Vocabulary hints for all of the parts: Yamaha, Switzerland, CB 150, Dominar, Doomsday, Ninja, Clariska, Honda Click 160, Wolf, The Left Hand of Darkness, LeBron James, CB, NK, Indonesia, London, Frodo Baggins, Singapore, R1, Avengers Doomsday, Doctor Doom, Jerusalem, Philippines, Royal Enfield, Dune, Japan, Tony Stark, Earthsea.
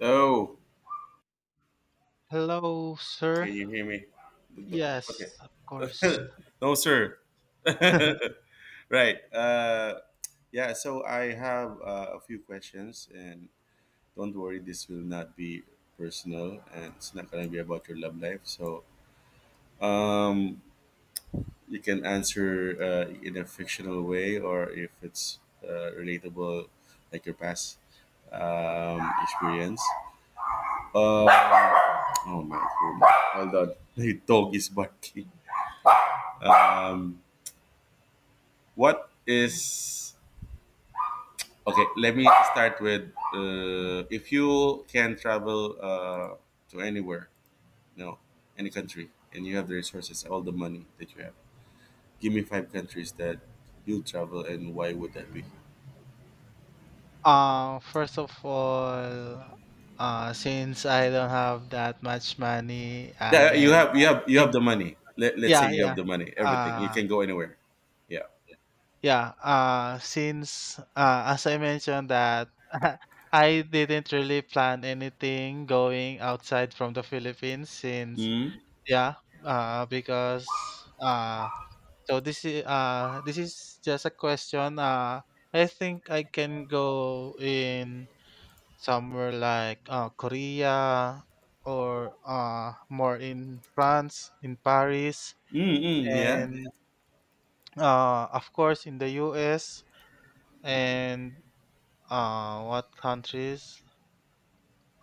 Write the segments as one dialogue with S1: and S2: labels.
S1: Oh,
S2: Hello, sir.
S1: can you hear me? The- the-
S2: Yes, of
S1: Okay.
S2: course.
S1: No, sir. Right. Yeah, so I have a few questions, and don't worry, this will not be personal and it's not going to be about your love life. So um, you can answer in a fictional way or if it's relatable, like your past experience. Oh my god. Hold on. The dog is barking. What is okay? Let me start with if you can travel to anywhere, you know, any country, and you have the resources, all the money that you have. Give me five countries that you travel, and why would that be?
S2: First of all, since I don't have that much money, I
S1: Yeah, you
S2: am
S1: have you have you have
S2: think,
S1: the money. Let's say
S2: yeah,
S1: you
S2: yeah,
S1: have the money, everything. You
S2: uh,
S1: can go anywhere. Yeah.
S2: yeah. Since As I mentioned that I didn't really plan anything going outside from the Philippines, since
S1: Mm.
S2: yeah, because So this is just a question. I think I can go in somewhere like Korea or more in France, in Paris,
S1: Mm. Mm, yeah.
S2: and of course in the US, and what countries?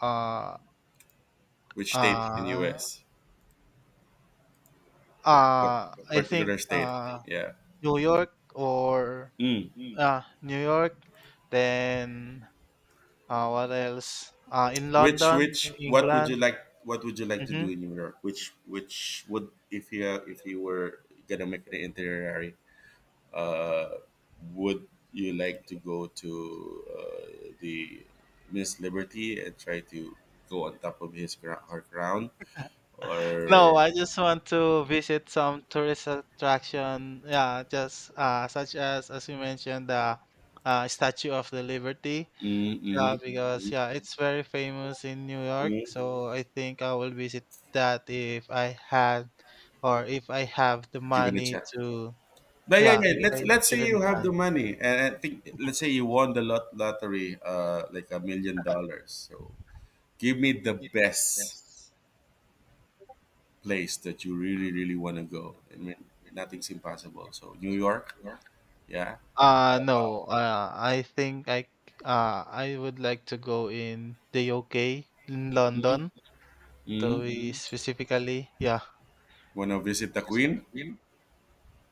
S2: Uh
S1: Which state in
S2: uh
S1: U.S.? What
S2: uh, I think
S1: particular state? Yeah.
S2: New York. Or
S1: Mm-hmm.
S2: New York, then. What else? In
S1: Which
S2: London,
S1: which what would you
S2: England.
S1: like what would you like to
S2: hmm
S1: do in New York? Which would if you were gonna make an itinerary, uh, would you like to go to the Miss Liberty and try to go on top of his ground, her ground,
S2: No,
S1: or
S2: I just want to visit some tourist attraction. Yeah, just such as you mentioned, the Statue of the Liberty. Yeah,
S1: mhm,
S2: because, yeah, it's very famous in New York.
S1: mhm,
S2: So I think I will visit that if I had, or if I have the
S1: give it a
S2: money
S1: chance?
S2: to.
S1: But yeah,
S2: Yeah,
S1: yeah.
S2: if
S1: Let's
S2: I
S1: let's
S2: live
S1: say
S2: in
S1: you have
S2: the
S1: the money, and I think let's say you won the lottery, like $1 million. So give me the best place that you really really want to go? I mean, nothing's impossible. So New York, yeah.
S2: No, I think I would like to go in the UK, in London, to
S1: Mm.
S2: be specifically. Yeah.
S1: Want to visit the Queen,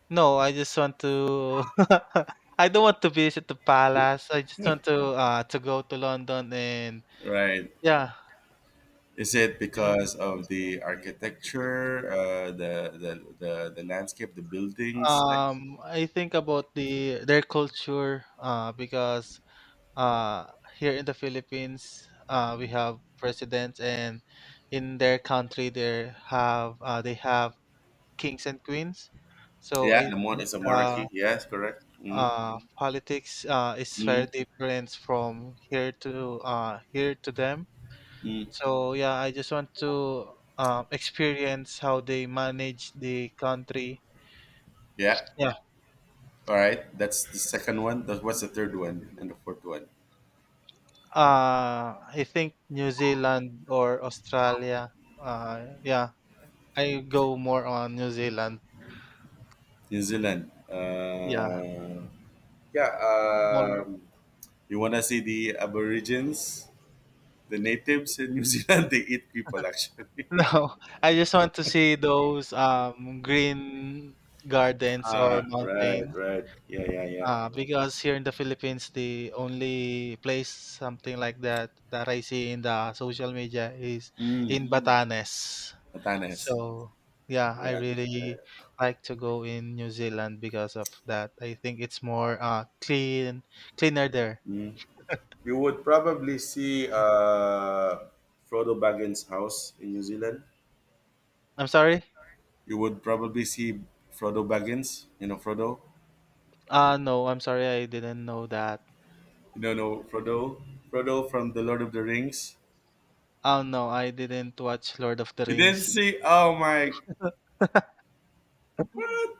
S2: No, I just want to I don't want to visit the palace. I just want to go to London, and
S1: right?
S2: yeah.
S1: Is it
S2: And
S1: because of the architecture, the landscape, the buildings? Like,
S2: I think about their culture, because uh, here in the Philippines, we have presidents, and in their country, they have kings and queens. So I
S1: yeah, the mon
S2: think,
S1: is a monarchy. Yes, correct. Mm,
S2: politics is very
S1: mm,
S2: different from here to them. So, yeah, I just want to experience how they manage the country.
S1: yeah.
S2: Yeah,
S1: All right. That's the second one. That- What's the third one and the fourth one?
S2: I think New Zealand or Australia. Uh, yeah, I go more on New Zealand.
S1: New Zealand.
S2: Yeah,
S1: Yeah.
S2: more.
S1: You wanna see the Aborigines? The natives in New Zealand they eat people actually.
S2: No, I just want to see those green gardens or
S1: Ah, right,
S2: mountains.
S1: right. Yeah, yeah, yeah.
S2: Because here in the Philippines, the only place something like that that I see in the social media is
S1: Mm.
S2: in Batanes.
S1: Batanes.
S2: So yeah, I
S1: Yeah. Yeah.
S2: really like to go in New Zealand because of that. I think it's more clean, cleaner there.
S1: You would probably see Frodo Baggins' house in New Zealand.
S2: I'm sorry.
S1: You would probably see Frodo Baggins. You know Frodo.
S2: No, I'm sorry. I didn't know that.
S1: You don't know no, Frodo. Frodo from the Lord of the Rings.
S2: Oh, no, I didn't watch Lord of the
S1: You didn't
S2: Rings.
S1: see. Oh my. What?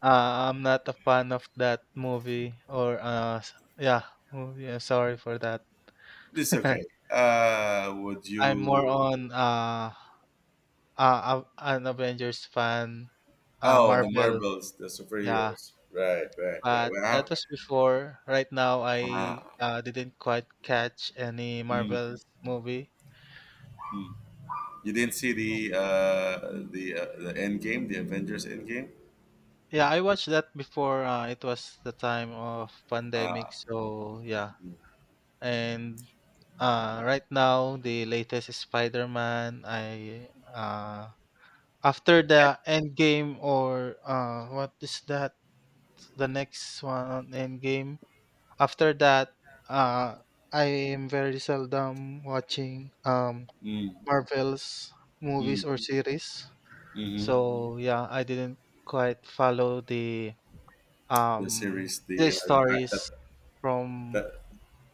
S2: I'm not a fan of that movie or yeah, movie. I'm sorry for that.
S1: This okay. Would
S2: I'm more
S1: you?
S2: on an Avengers fan,
S1: Oh, the
S2: Marvel.
S1: marbles, the
S2: Yeah,
S1: superheroes. Right, right, right.
S2: but
S1: Well, I
S2: that
S1: have.
S2: was before. Right now,
S1: Uh,
S2: I didn't quite catch any
S1: mm.
S2: Marvel's movie.
S1: You didn't see the the end game, the Avengers end game.
S2: Yeah, I watched that before. It was the time of pandemic, so yeah. And right now the latest Spider-Man. I After the Endgame, or what is that? The next one on Endgame. After that, uh, I am very seldom watching
S1: Mm,
S2: Marvel's movies
S1: mm,
S2: or series.
S1: hmm.
S2: So, yeah, I didn't quite follow the
S1: The
S2: um
S1: series, the, ti-
S2: stories from
S1: the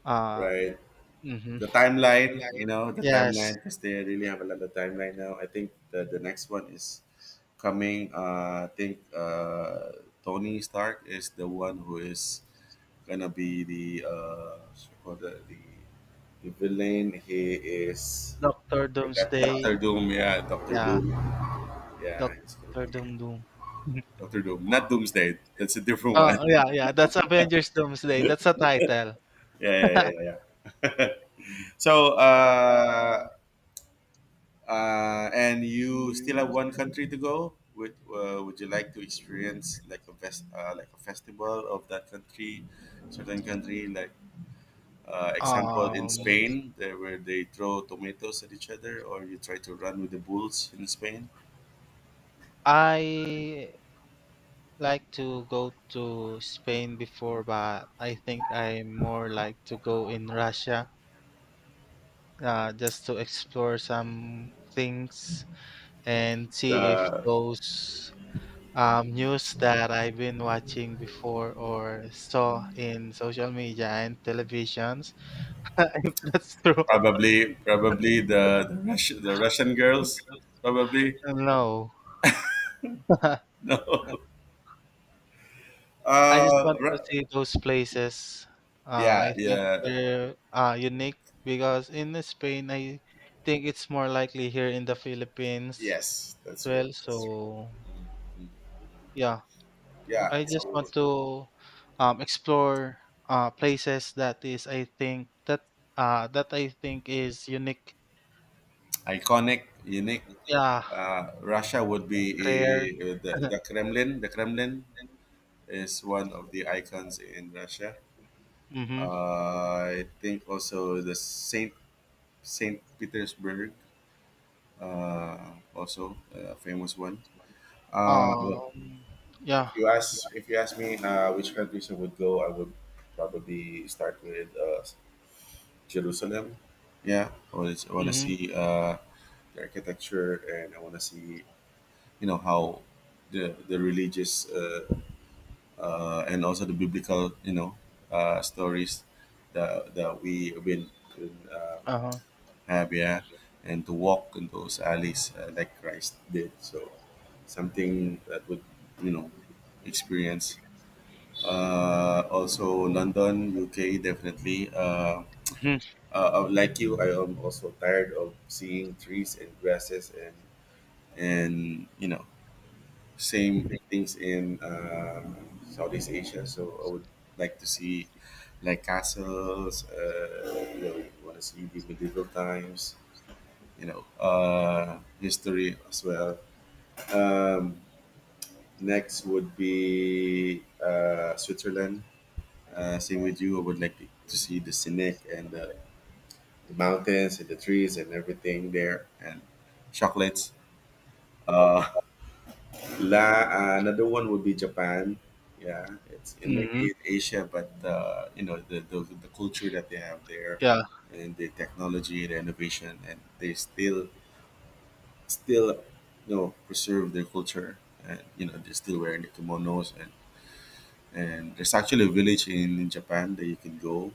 S2: uh
S1: right,
S2: mhm.
S1: the timeline. You know the
S2: Yes.
S1: timeline because they really have a lot of timeline now. I think the next one is coming. I think Tony Stark is the one who is gonna be the so-called the villain. He is
S2: Doctor
S1: forgot
S2: Doomsday,
S1: Doctor Doom. Yeah, Doctor
S2: yeah,
S1: Doom. Yeah, it's gonna
S2: Doctor
S1: be
S2: Doom Doom.
S1: Doctor Doom, not Doomsday. That's a different one.
S2: Oh, yeah, yeah, that's Avengers Doomsday,
S1: Yeah,
S2: that's the title.
S1: yeah, yeah, yeah. So, and you still have one country to go. Would you like to experience like a fest, like a festival of that country, certain country? Like example in
S2: Um,
S1: Spain, there where they throw tomatoes at each other, or you try to run with the bulls in Spain.
S2: I like to go to Spain before, but I think I more like to go in Russia, just to explore some things and see if
S1: The
S2: those news that I've been watching before, or saw in social media and televisions, if that's true,
S1: probably probably the Russian girls probably.
S2: no.
S1: No.
S2: I just
S1: Uh,
S2: want to
S1: ra-
S2: see those places.
S1: yeah,
S2: I think
S1: yeah.
S2: they're unique because in Spain, I think it's more likely here in the Philippines
S1: Yes,
S2: as
S1: that's true.
S2: well.
S1: That's true.
S2: So, yeah,
S1: Yeah,
S2: I just want
S1: so
S2: to explore places that is I think that I think is unique.
S1: iconic, unique.
S2: Yeah,
S1: Russia would be
S2: rare.
S1: the, the Kremlin. The Kremlin is one of the icons in Russia.
S2: Mm-hmm.
S1: I think also the Saint Petersburg, also a famous one. Look,
S2: Um.
S1: if
S2: Yeah.
S1: you ask if you ask me which countries I would go, I would probably start with Jerusalem. Yeah, I want to
S2: Mm-hmm.
S1: see the architecture, and I want to see how the religious and also the biblical stories that we will uh,
S2: Uh-huh.
S1: have. Yeah, and to walk in those alleys like Christ did. So something that would you know experience. Also London, UK, definitely.
S2: Mhm.
S1: Like you, I am also tired of seeing trees and grasses and same things in Southeast Asia. So I would like to see like castles. Want to see the medieval times. History as well. Um, Next would be Switzerland. Same with you. I would like to see the scenic and the mountains and the trees and everything there and chocolates. Uh, Another one would be Japan. Yeah, it's and
S2: Mhm,
S1: maybe in Asia, but the culture that they have there,
S2: yeah.
S1: and the technology, the innovation, and they still preserve their culture, and they're still wearing the kimonos and there's actually a village in Japan that you can go.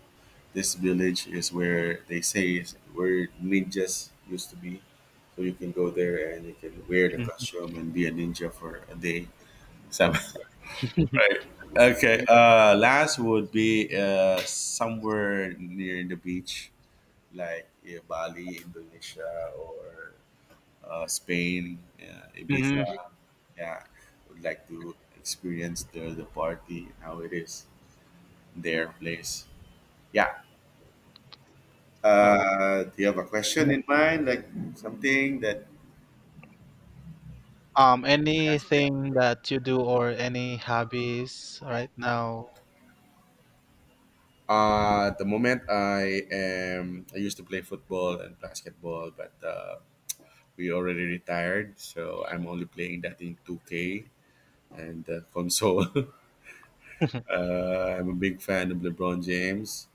S1: This village is where they say is where ninjas used to be. So you can go there and you can wear the
S2: Mhm.
S1: costume and be a ninja for a day. So, right. Okay. Last would be somewhere near the beach, like yeah, Bali, Indonesia, or Spain, yeah,
S2: Mhm.
S1: Ibiza. Yeah, would like to experience the party how it is their place. Yeah.
S2: Oh.
S1: Do you have a question in mind, like something that has been?
S2: Anything that you do or any hobbies right now?
S1: At the moment I used to play football and basketball, but we already retired, so I'm only playing that in 2K and the console. I'm a big fan of LeBron James,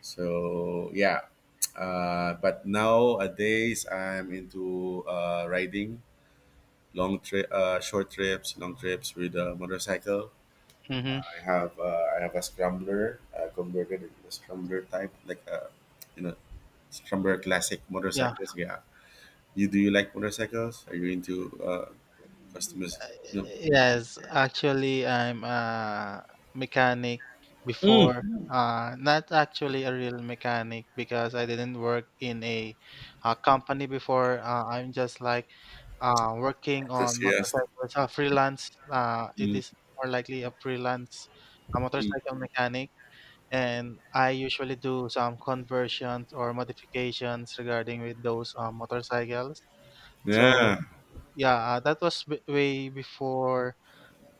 S1: so yeah. But nowadays I'm into riding long trip, short trips, long trips with a motorcycle.
S2: hmm
S1: I have a scrambler converted into a scrambler type, like a you know scrambler classic
S2: Yeah.
S1: motorcycles. Yeah, you like motorcycles? Are you into customers? You know,
S2: Yes, actually, I'm a mechanic
S1: Mm.
S2: before. Mm. Not actually a real mechanic because I didn't work in a company before. I'm just like working on
S1: Enthusiast.
S2: motorcycles, a freelance. It
S1: Mm,
S2: is more likely a freelance, a
S1: mm.
S2: motorcycle mechanic. And I usually do some conversions or modifications regarding with those motorcycles. So,
S1: Yeah,
S2: yeah, that was way before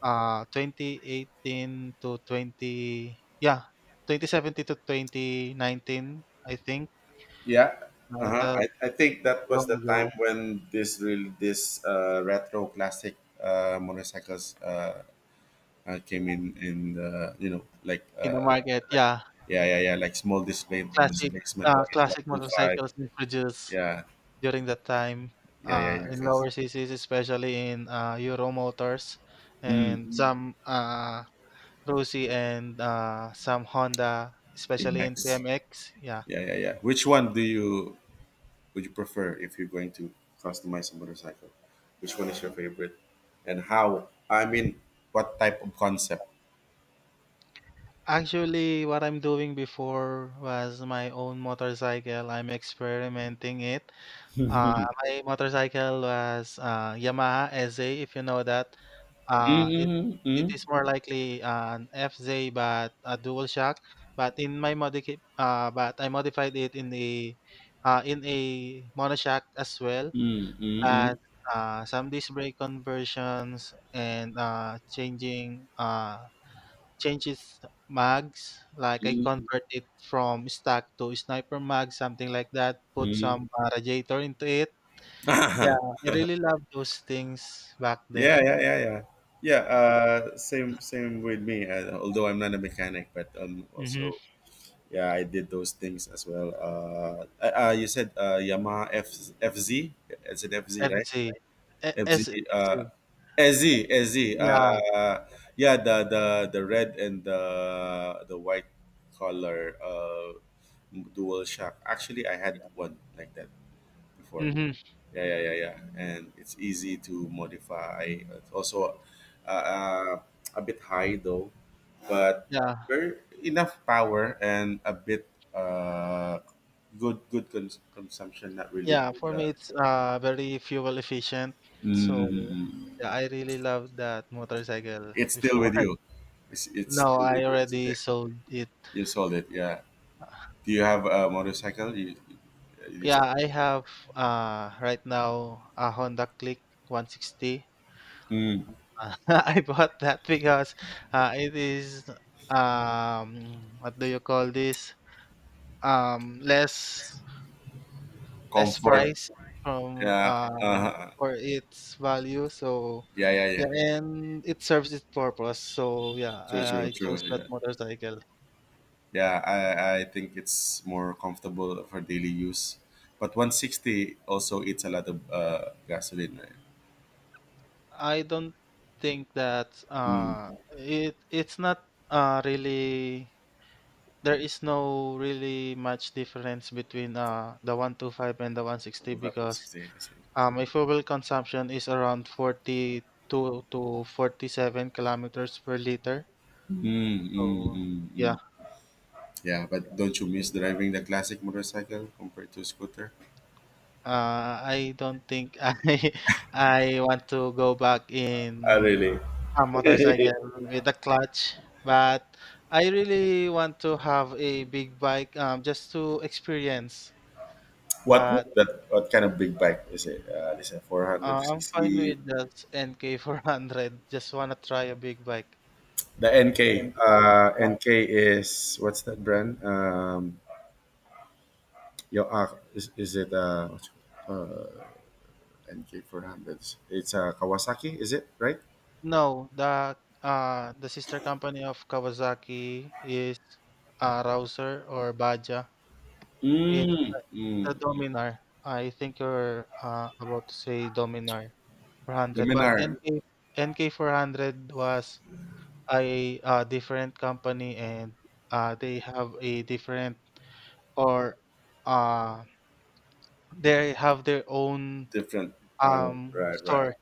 S2: 2018 to 20 yeah 2017 to 2019, I think,
S1: yeah. Uh-huh.
S2: that
S1: I think that was
S2: long
S1: the time
S2: ago
S1: when this retro classic motorcycles came in the, like.
S2: in the market. Yeah,
S1: Yeah, yeah, yeah. Like small display
S2: classic,
S1: displacement, like one
S2: classic
S1: two five.
S2: motorcycles introduced
S1: Yeah,
S2: during that time.
S1: yeah, yeah, yeah.
S2: In
S1: Cause.
S2: lower CCs, especially in Euro motors,
S1: Mm.
S2: and some Rusi, and some Honda, especially in
S1: Apex.
S2: TMX. Yeah.
S1: Yeah, yeah, yeah. Which one do you would you prefer if you're going to customize a motorcycle? Which one is your favorite, and how? I mean, what type of concept?
S2: Actually, what I'm doing before was my own motorcycle. I'm experimenting it. My motorcycle was Yamaha SZ, if you know that. Uh, it,
S1: Mm,
S2: it
S1: mm,
S2: is more likely an FZ, but a dual shock. But I modified it in a monoshock as well.
S1: mm, mm,
S2: As
S1: mm.
S2: some disk brake conversions, and changing changes mags. Like, I convert it from stack to sniper mag, something like that. Put some radiator into it. Yeah, I really love those things back then.
S1: Yeah, yeah, yeah, yeah. Yeah, same with me. Although I'm not a mechanic, but I'm
S2: Mm-hmm.
S1: also. Yeah, I did those things as well. You said Yamaha F FZ. Is it FZ, right?
S2: Fc. E- S- S-
S1: FZ. Uh, SZ.
S2: yeah.
S1: Yeah, the red and the white color dual shock. Actually, I had one like that before.
S2: Mm-hmm.
S1: Yeah, yeah, yeah, yeah. And it's easy to modify. It's also uh, uh, a bit high though, but
S2: Yeah,
S1: very enough power and a bit uh, good consumption. Not really that.
S2: yeah, for me it's very fuel efficient. So,
S1: Mm,
S2: yeah, I really love that motorcycle
S1: it's still
S2: before.
S1: with you. It's
S2: No,
S1: still
S2: I
S1: with you. It's
S2: already
S1: there.
S2: sold it.
S1: You sold it. Yeah. Do you have a motorcycle? You still
S2: Yeah, I
S1: have
S2: have right now a Honda Click 160.
S1: a- mm,
S2: I bought that because it is what do you call this? Um less Less
S1: comfort.
S2: price from
S1: Yeah. Uh-huh.
S2: for its value. So,
S1: Yeah. Yeah.
S2: yeah,
S1: Yeah.
S2: and it serves its purpose. So yeah,
S1: True. True.
S2: I
S1: True.
S2: chose that
S1: Yeah.
S2: motorcycle.
S1: Yeah, I think it's more comfortable for daily use. But 160 also eats a lot of gasoline, right?
S2: I don't think that
S1: Mm.
S2: it's not really, there is no really much difference between the 125 and the 160, because
S1: 160, I see.
S2: my fuel consumption is around 42 to 47 kilometers per liter.
S1: Mm, mm,
S2: So,
S1: mm,
S2: yeah,
S1: mm. Yeah, but don't you miss driving the classic motorcycle compared to scooter?
S2: I don't think I want to go back
S1: Ah,
S2: in
S1: really?
S2: a motorcycle with a clutch, but I really want to have a big bike, just to experience.
S1: what
S2: But
S1: what kind of big bike is it? This is
S2: I'm fine
S1: 400 cc.
S2: with just nk 400 just want to try a big bike.
S1: The NK.
S2: Yeah.
S1: NK is what's that brand? Yo, is it NK 400. It's a Kawasaki, is it right?
S2: No, the sister company of Kawasaki is Rouser, or Baja. it's
S1: Mm,
S2: it's
S1: mm.
S2: the Dominar. I think you're about to say Dominar
S1: The
S2: 400,
S1: men
S2: but nk 400 was a different company, and uh, they have a different or uh, they have their own
S1: Different. Right,
S2: store
S1: right.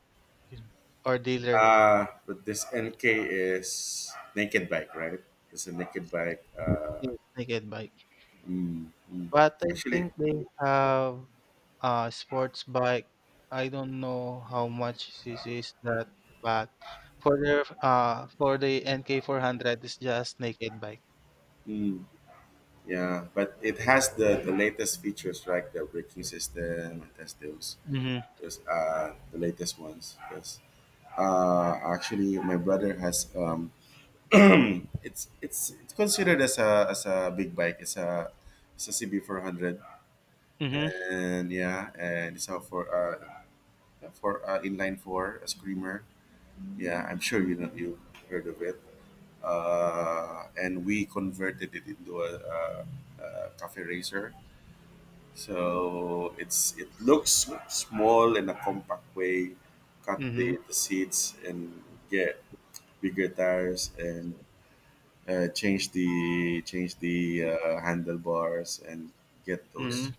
S2: or dealer
S1: But this NK is naked bike, right? It's a naked bike.
S2: in naked bike.
S1: Mm, mm.
S2: But I
S1: Actually,
S2: think they have sports bike. I don't know how much this is that, but for the NK400, it's just naked bike.
S1: mm, yeah, but it has the latest features, like the braking system. It has
S2: Mm-hmm.
S1: those the latest ones. Yes. Actually, my brother has It's considered as a big bike. It's a CB 400,
S2: Mm-hmm.
S1: and yeah, and it's a for inline four, a screamer. Yeah, I'm sure you know you heard of it. And we converted it into a, cafe racer. So it looks small in a compact way. Cut
S2: Mm-hmm.
S1: the seats and get bigger tires and change the handlebars and get
S2: Mm-hmm.
S1: those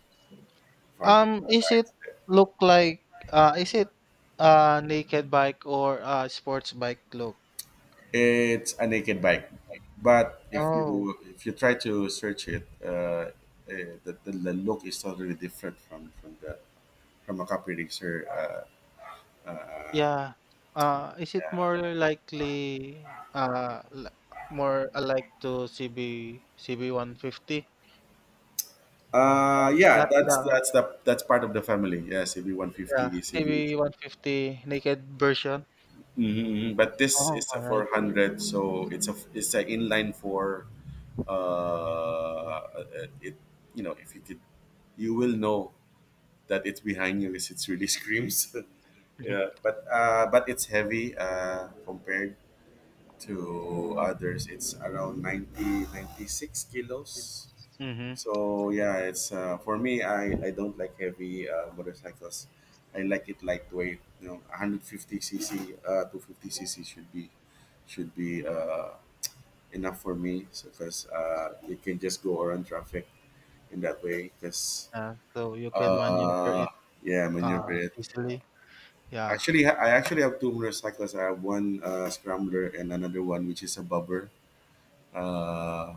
S1: fog
S2: Is it
S1: lights.
S2: look like is it naked bike or a sports bike look?
S1: It's a naked bike, but if
S2: Oh,
S1: you if you try to search it, the look is totally different from a copy racer.
S2: yeah. Is it more likely more alike to CB 150? Not
S1: Yeah, that's
S2: the,
S1: that's the that's part of the family. Yeah, CB one
S2: yeah,
S1: fifty, CB
S2: CB 150 naked version.
S1: hmm but this
S2: Oh,
S1: is a
S2: all right.
S1: 400, so it's an inline four. Uh, it if you could, you will know that it's behind you because it's really screams. Yeah, but it's heavy compared to others. It's around 96 kilos.
S2: Mm-hmm.
S1: So yeah, it's for me. I don't like heavy motorcycles. I like it lightweight. You know, 150 cc, 250 cc should be enough for me. So because you can just go around traffic in that way. Because
S2: Yeah, so you can maneuver
S1: uh,
S2: it
S1: yeah, maneuver it.
S2: easily. Yeah.
S1: Actually, I actually have two motorcycles. I have one scrambler and another one which is a bobber. Uh,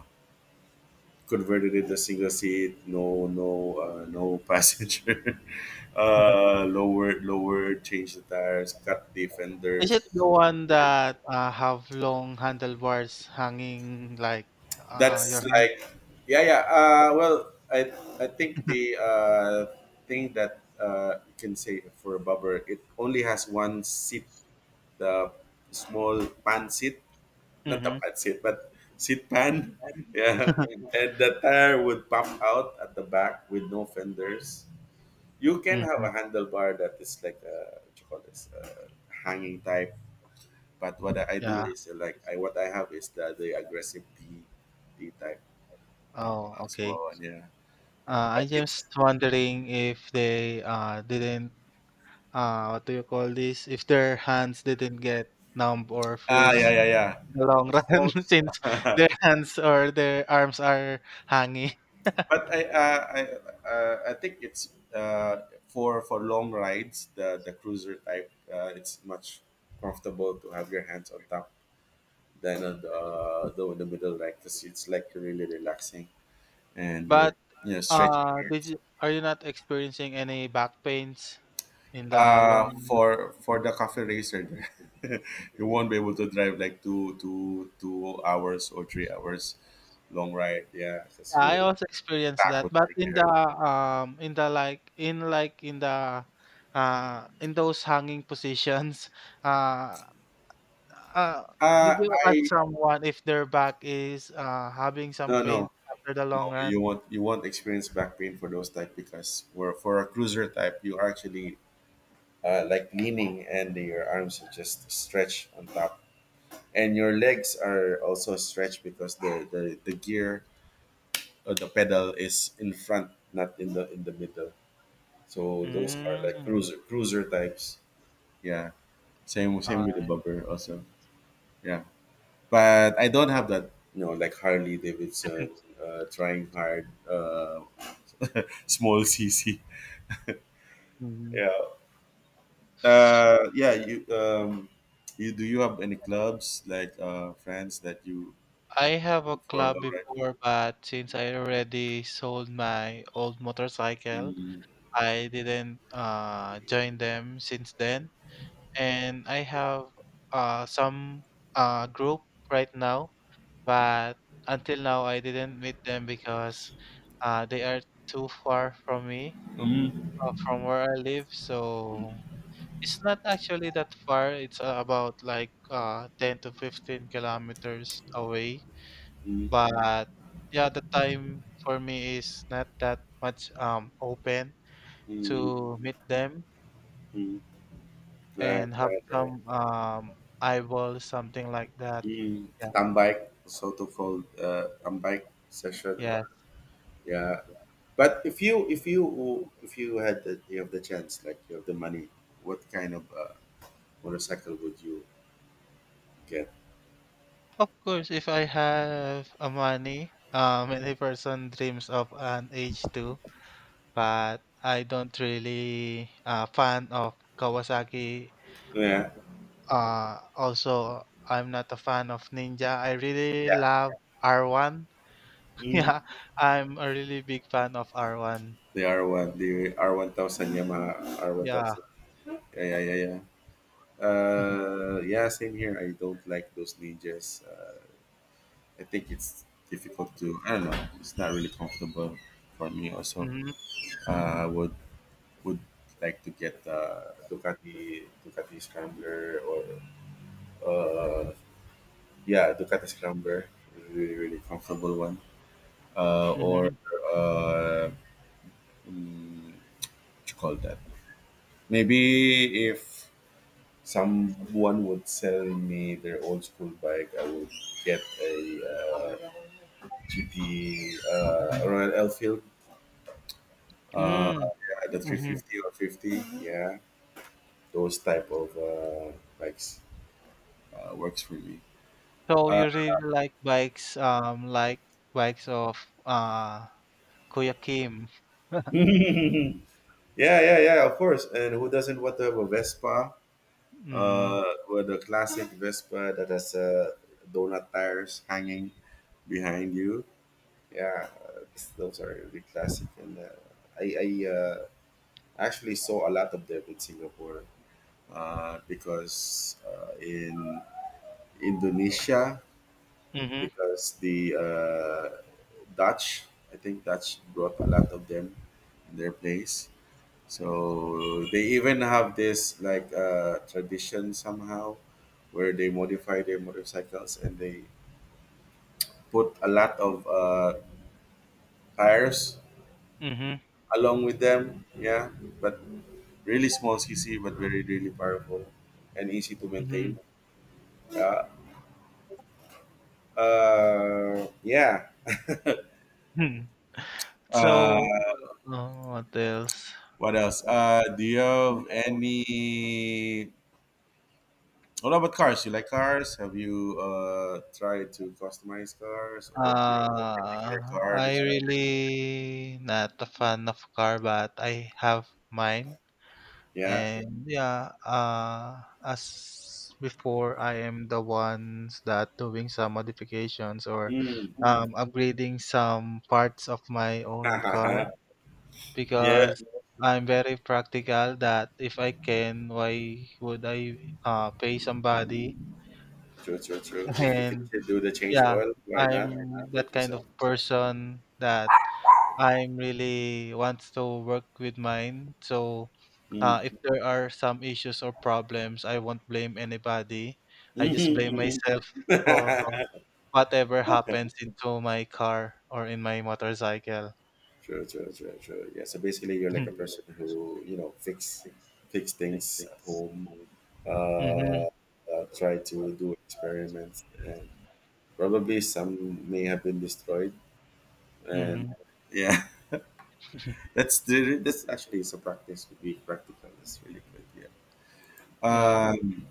S1: Converted in a single seat, no passenger, lower, change the tires, cut the
S2: Is it
S1: fenders.
S2: the one
S1: put it-
S2: that, have long handlebars hanging like, your
S1: That's
S2: hand?
S1: like, yeah, yeah. Well, I I think the thing that you can say for a bubber, it only has one seat, the small pan seat, not the
S2: Mhm,
S1: pan seat, but seat pan, yeah. And the tire would pop out at the back with no fenders. You can have
S2: mhm,
S1: a handlebar that is like a, what you call this, hanging type, but what I do
S2: yeah.
S1: is like I what I have is the aggressive D type, uh,
S2: Oh, okay.
S1: small one. Yeah, yeah.
S2: I
S1: But
S2: just
S1: it's,
S2: wondering if they, didn't, what do you call this? If their hands didn't get numb or
S1: yeah,
S2: freeze
S1: yeah, yeah.
S2: in the long
S1: Most
S2: run,
S1: most,
S2: since their hands or their arms are hanging.
S1: But I think it's for long rides the cruiser type. It's much comfortable to have your hands on top than on the middle, like 'cause it's like really relaxing and you're
S2: But,
S1: you know stretching your
S2: did
S1: arms.
S2: you are you not experiencing any back pains in the long.
S1: For the cafe racer, you won't be able to drive like two hours or 3 hours long ride, yeah,
S2: Yeah,
S1: because
S2: I
S1: you
S2: also experienced
S1: back
S2: that,
S1: would
S2: but
S1: hurt.
S2: in the like in the in those hanging positions, uh, uh,
S1: Uh
S2: did you ask
S1: I
S2: someone if their back is having some
S1: No,
S2: pain
S1: no,
S2: after the
S1: no,
S2: long run?
S1: you won't experience back pain for those type because for a cruiser type you are actually like leaning and your arms are just stretched on top. And your legs are also stretched because the gear, the pedal is in front, not in the middle. So those are like
S2: Mm.
S1: cruiser types. Yeah. Same with the
S2: Alright.
S1: bumper also. Yeah. But I don't have that, like Harley Davidson, trying hard, small CC.
S2: Mhm.
S1: Yeah.
S2: So
S1: Yeah. You, do you have any clubs, like friends that you
S2: I have a
S1: for a
S2: club
S1: long ride?
S2: before, but since I already sold my old motorcycle,
S1: Mm.
S2: I didn't join them since then. And I have some group right now, but until now I didn't meet them because they are too far from me,
S1: Mm.
S2: from where I live. So it's not actually that far. It's about like 10 to 15 kilometers away.
S1: Mm. Mm.
S2: But, yeah, the time for me is not that much open
S1: Mm.
S2: to meet them
S1: Mm. Right,
S2: and have
S1: right, right.
S2: some eyeball, something like that.
S1: Mm,
S2: Yeah.
S1: come, so to called, come session, or,
S2: Yes.
S1: yeah, but if you had you have the chance, like you have the money, what kind of motorcycle would you get?
S2: Of course, if I have a money, many person dreams of an h two, but I don't really fan of Kawasaki.
S1: Yeah,
S2: Also, I'm not a fan of Ninja. I really
S1: yeah.
S2: love R1.
S1: Mm,
S2: Yeah, I'm a really big fan of R1.
S1: the R1, the R1000, yamaha
S2: Yeah.
S1: R1000. Yeah, yeah, yeah, yeah. Yeah, same here, I don't like those ninjas, I think it's difficult to, I don't know, it's not really comfortable for me also.
S2: Mm-hmm,
S1: I would like to get a Ducati Scrambler, or uh yeah, Ducati Scrambler, really really comfortable one. Or
S2: mm-hmm,
S1: uh, what you call that? Maybe if someone would sell me their old school bike, I would get a, uh, GT, Royal Enfield, uh,
S2: mm,
S1: yeah, the
S2: mm-hmm.
S1: 350 or 50. Yeah, those type of bikes works for me.
S2: So
S1: Uh,
S2: you really like bikes of uh Kuya Kim.
S1: yeah, yeah, yeah, of course. And who doesn't want to have a Vespa?
S2: Mm,
S1: With a classic Vespa that has donut tires hanging behind you. Yeah, those are really classic. And I actually saw a lot of them in Singapore, because in Indonesia,
S2: mhm,
S1: because the, Dutch, I think Dutch brought a lot of them in their place. So they even have this, like, tradition somehow, where they modify their motorcycles and they put a lot of tires
S2: mhm,
S1: along with them. Yeah, but really small cc, but very really powerful and easy to
S2: mhm,
S1: maintain. Yeah. Yeah.
S2: hmm.
S1: Uh,
S2: So, what else?
S1: what else? Do you have any? What about cars? You like cars? Have you tried to customize cars, or do you have a
S2: Uh,
S1: particular car
S2: I
S1: that you like?
S2: really not a fan of car, but I have mine.
S1: Yeah.
S2: And, yeah, as before, I am the ones that doing some modifications, or
S1: Mm.
S2: upgrading some parts of my own car.
S1: Yeah.
S2: Because I'm very practical that if I can, why would I pay somebody?
S1: True, true, true. If you could
S2: And,
S1: do the change
S2: yeah,
S1: oil, why not
S2: I'm
S1: do
S2: that
S1: it
S2: kind of
S1: yourself?
S2: person that I'm really wants to work with mine. So
S1: Mm.
S2: if there are some issues or problems, I won't blame anybody. I
S1: Hmm.
S2: just blame
S1: Hmm.
S2: myself for whatever happens into my car or in my motorcycle.
S1: True, true, true, true. Yeah. So basically, you're like a person who, fix things at home.
S2: Hmm.
S1: Uh, Try to do experiments, and probably some may have been destroyed, and
S2: Hmm.
S1: yeah,
S2: Hmm.
S1: that's actually is a practice, to be practical it's really good, yeah.
S2: Yeah.
S1: um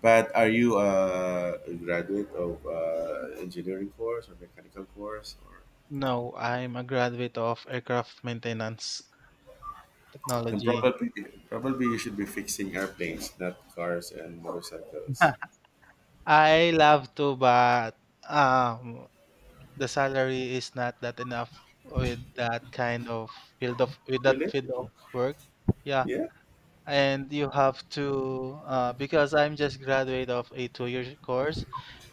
S1: but are you a graduate of engineering course or mechanical course, or
S2: No, I'm a graduate of aircraft maintenance
S1: then
S2: technology.
S1: probably you should be fixing airplanes, not cars and motorcycles.
S2: I love to, but um, the salary is not that enough with that kind of field of with that
S1: Really?
S2: field of work. Yeah,
S1: Yeah.
S2: and you have to because I'm just graduate of a two-year course.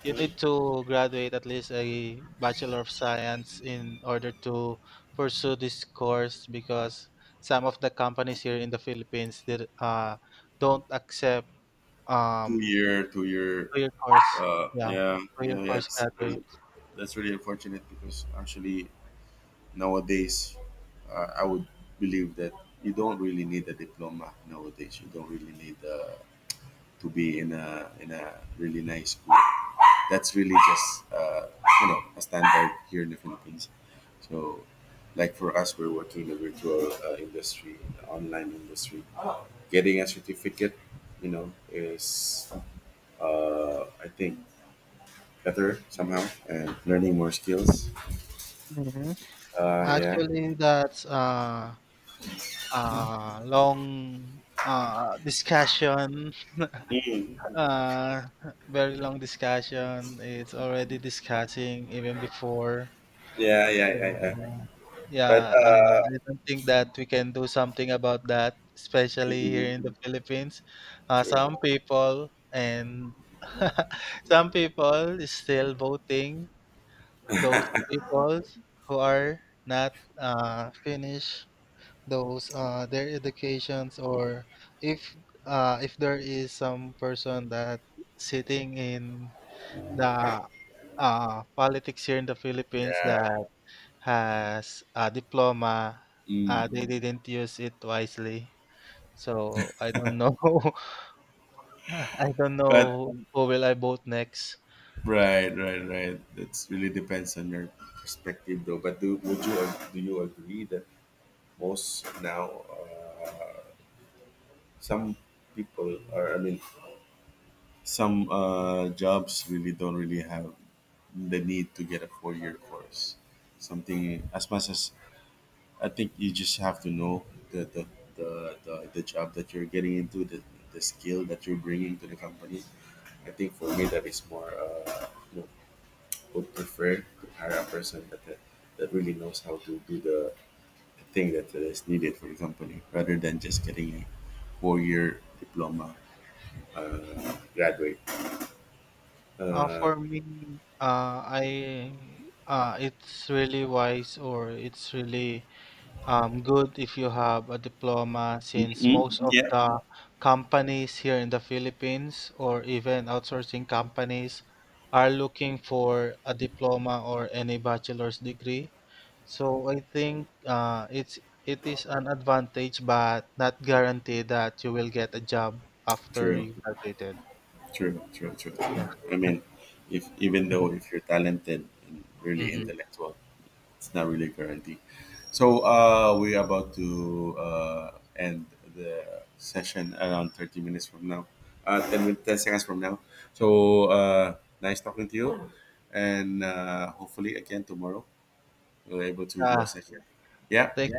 S2: You
S1: Mhm.
S2: need to graduate at least a Bachelor of Science in order to pursue this course, because some of the companies here in the Philippines did, don't accept
S1: two
S2: um,
S1: year two-year.
S2: two-year course. Yeah,
S1: Yeah,
S2: two-year
S1: yeah, yeah,
S2: course graduate.
S1: that's really unfortunate, because actually nowadays, I would believe that you don't really need a diploma nowadays. You don't really need to be in a really nice school. That's really just uh, a standard here in the Philippines. So, like for us, we're working in the virtual industry, in the online industry. Getting a certificate, is I think better somehow, and learning more skills.
S2: Hmm.
S1: Yeah.
S2: Actually, that's a long discussion.
S1: Mm.
S2: Uh, very long discussion. It's already discussing even before.
S1: Yeah, yeah,
S2: So,
S1: I
S2: yeah,
S1: But,
S2: I don't think that we can do something about that, especially
S1: hmm.
S2: here in the Philippines.
S1: True.
S2: Some people and some people is still voting those people who are not finished those their educations. Or if if there is some person that sitting in the politics here in the Philippines that
S1: Yeah.
S2: has a diploma,
S1: Mm.
S2: they didn't use it wisely. So I don't know. I don't
S1: But
S2: know who will I vote next.
S1: right, right, right. That's really depends on your perspective, though. But do you agree that most now some people, or I mean some, jobs really don't really have the need to get a four-year course. Something as much as, I think you just have to know the, the, the job that you're getting into, the skill that you're bringing to the company. I think for me that is more, you know, would prefer to hire a person that, that really knows how to do the thing that is needed for the company, rather than just getting a four-year diploma graduate.
S2: Uh for me uh I uh it's really wise, or it's really good if you have a diploma, since
S1: Mm,
S2: most of
S1: yeah.
S2: the companies here in the Philippines, or even outsourcing companies, are looking for a diploma or any bachelor's degree. So I think it is an advantage, but not guaranteed that you will get a job after
S1: True,
S2: you graduated.
S1: true, true, true,
S2: Yeah.
S1: true. I mean, if even though if you're talented and really
S2: Hmm.
S1: intellectual, it's not really guaranteed. So, we're about to, end the session around 30 minutes from now, 10 seconds from now. So, nice talking to you. And, hopefully, again, tomorrow, we're able to do a
S2: Yeah.
S1: session.
S2: Thanks.
S1: Yeah.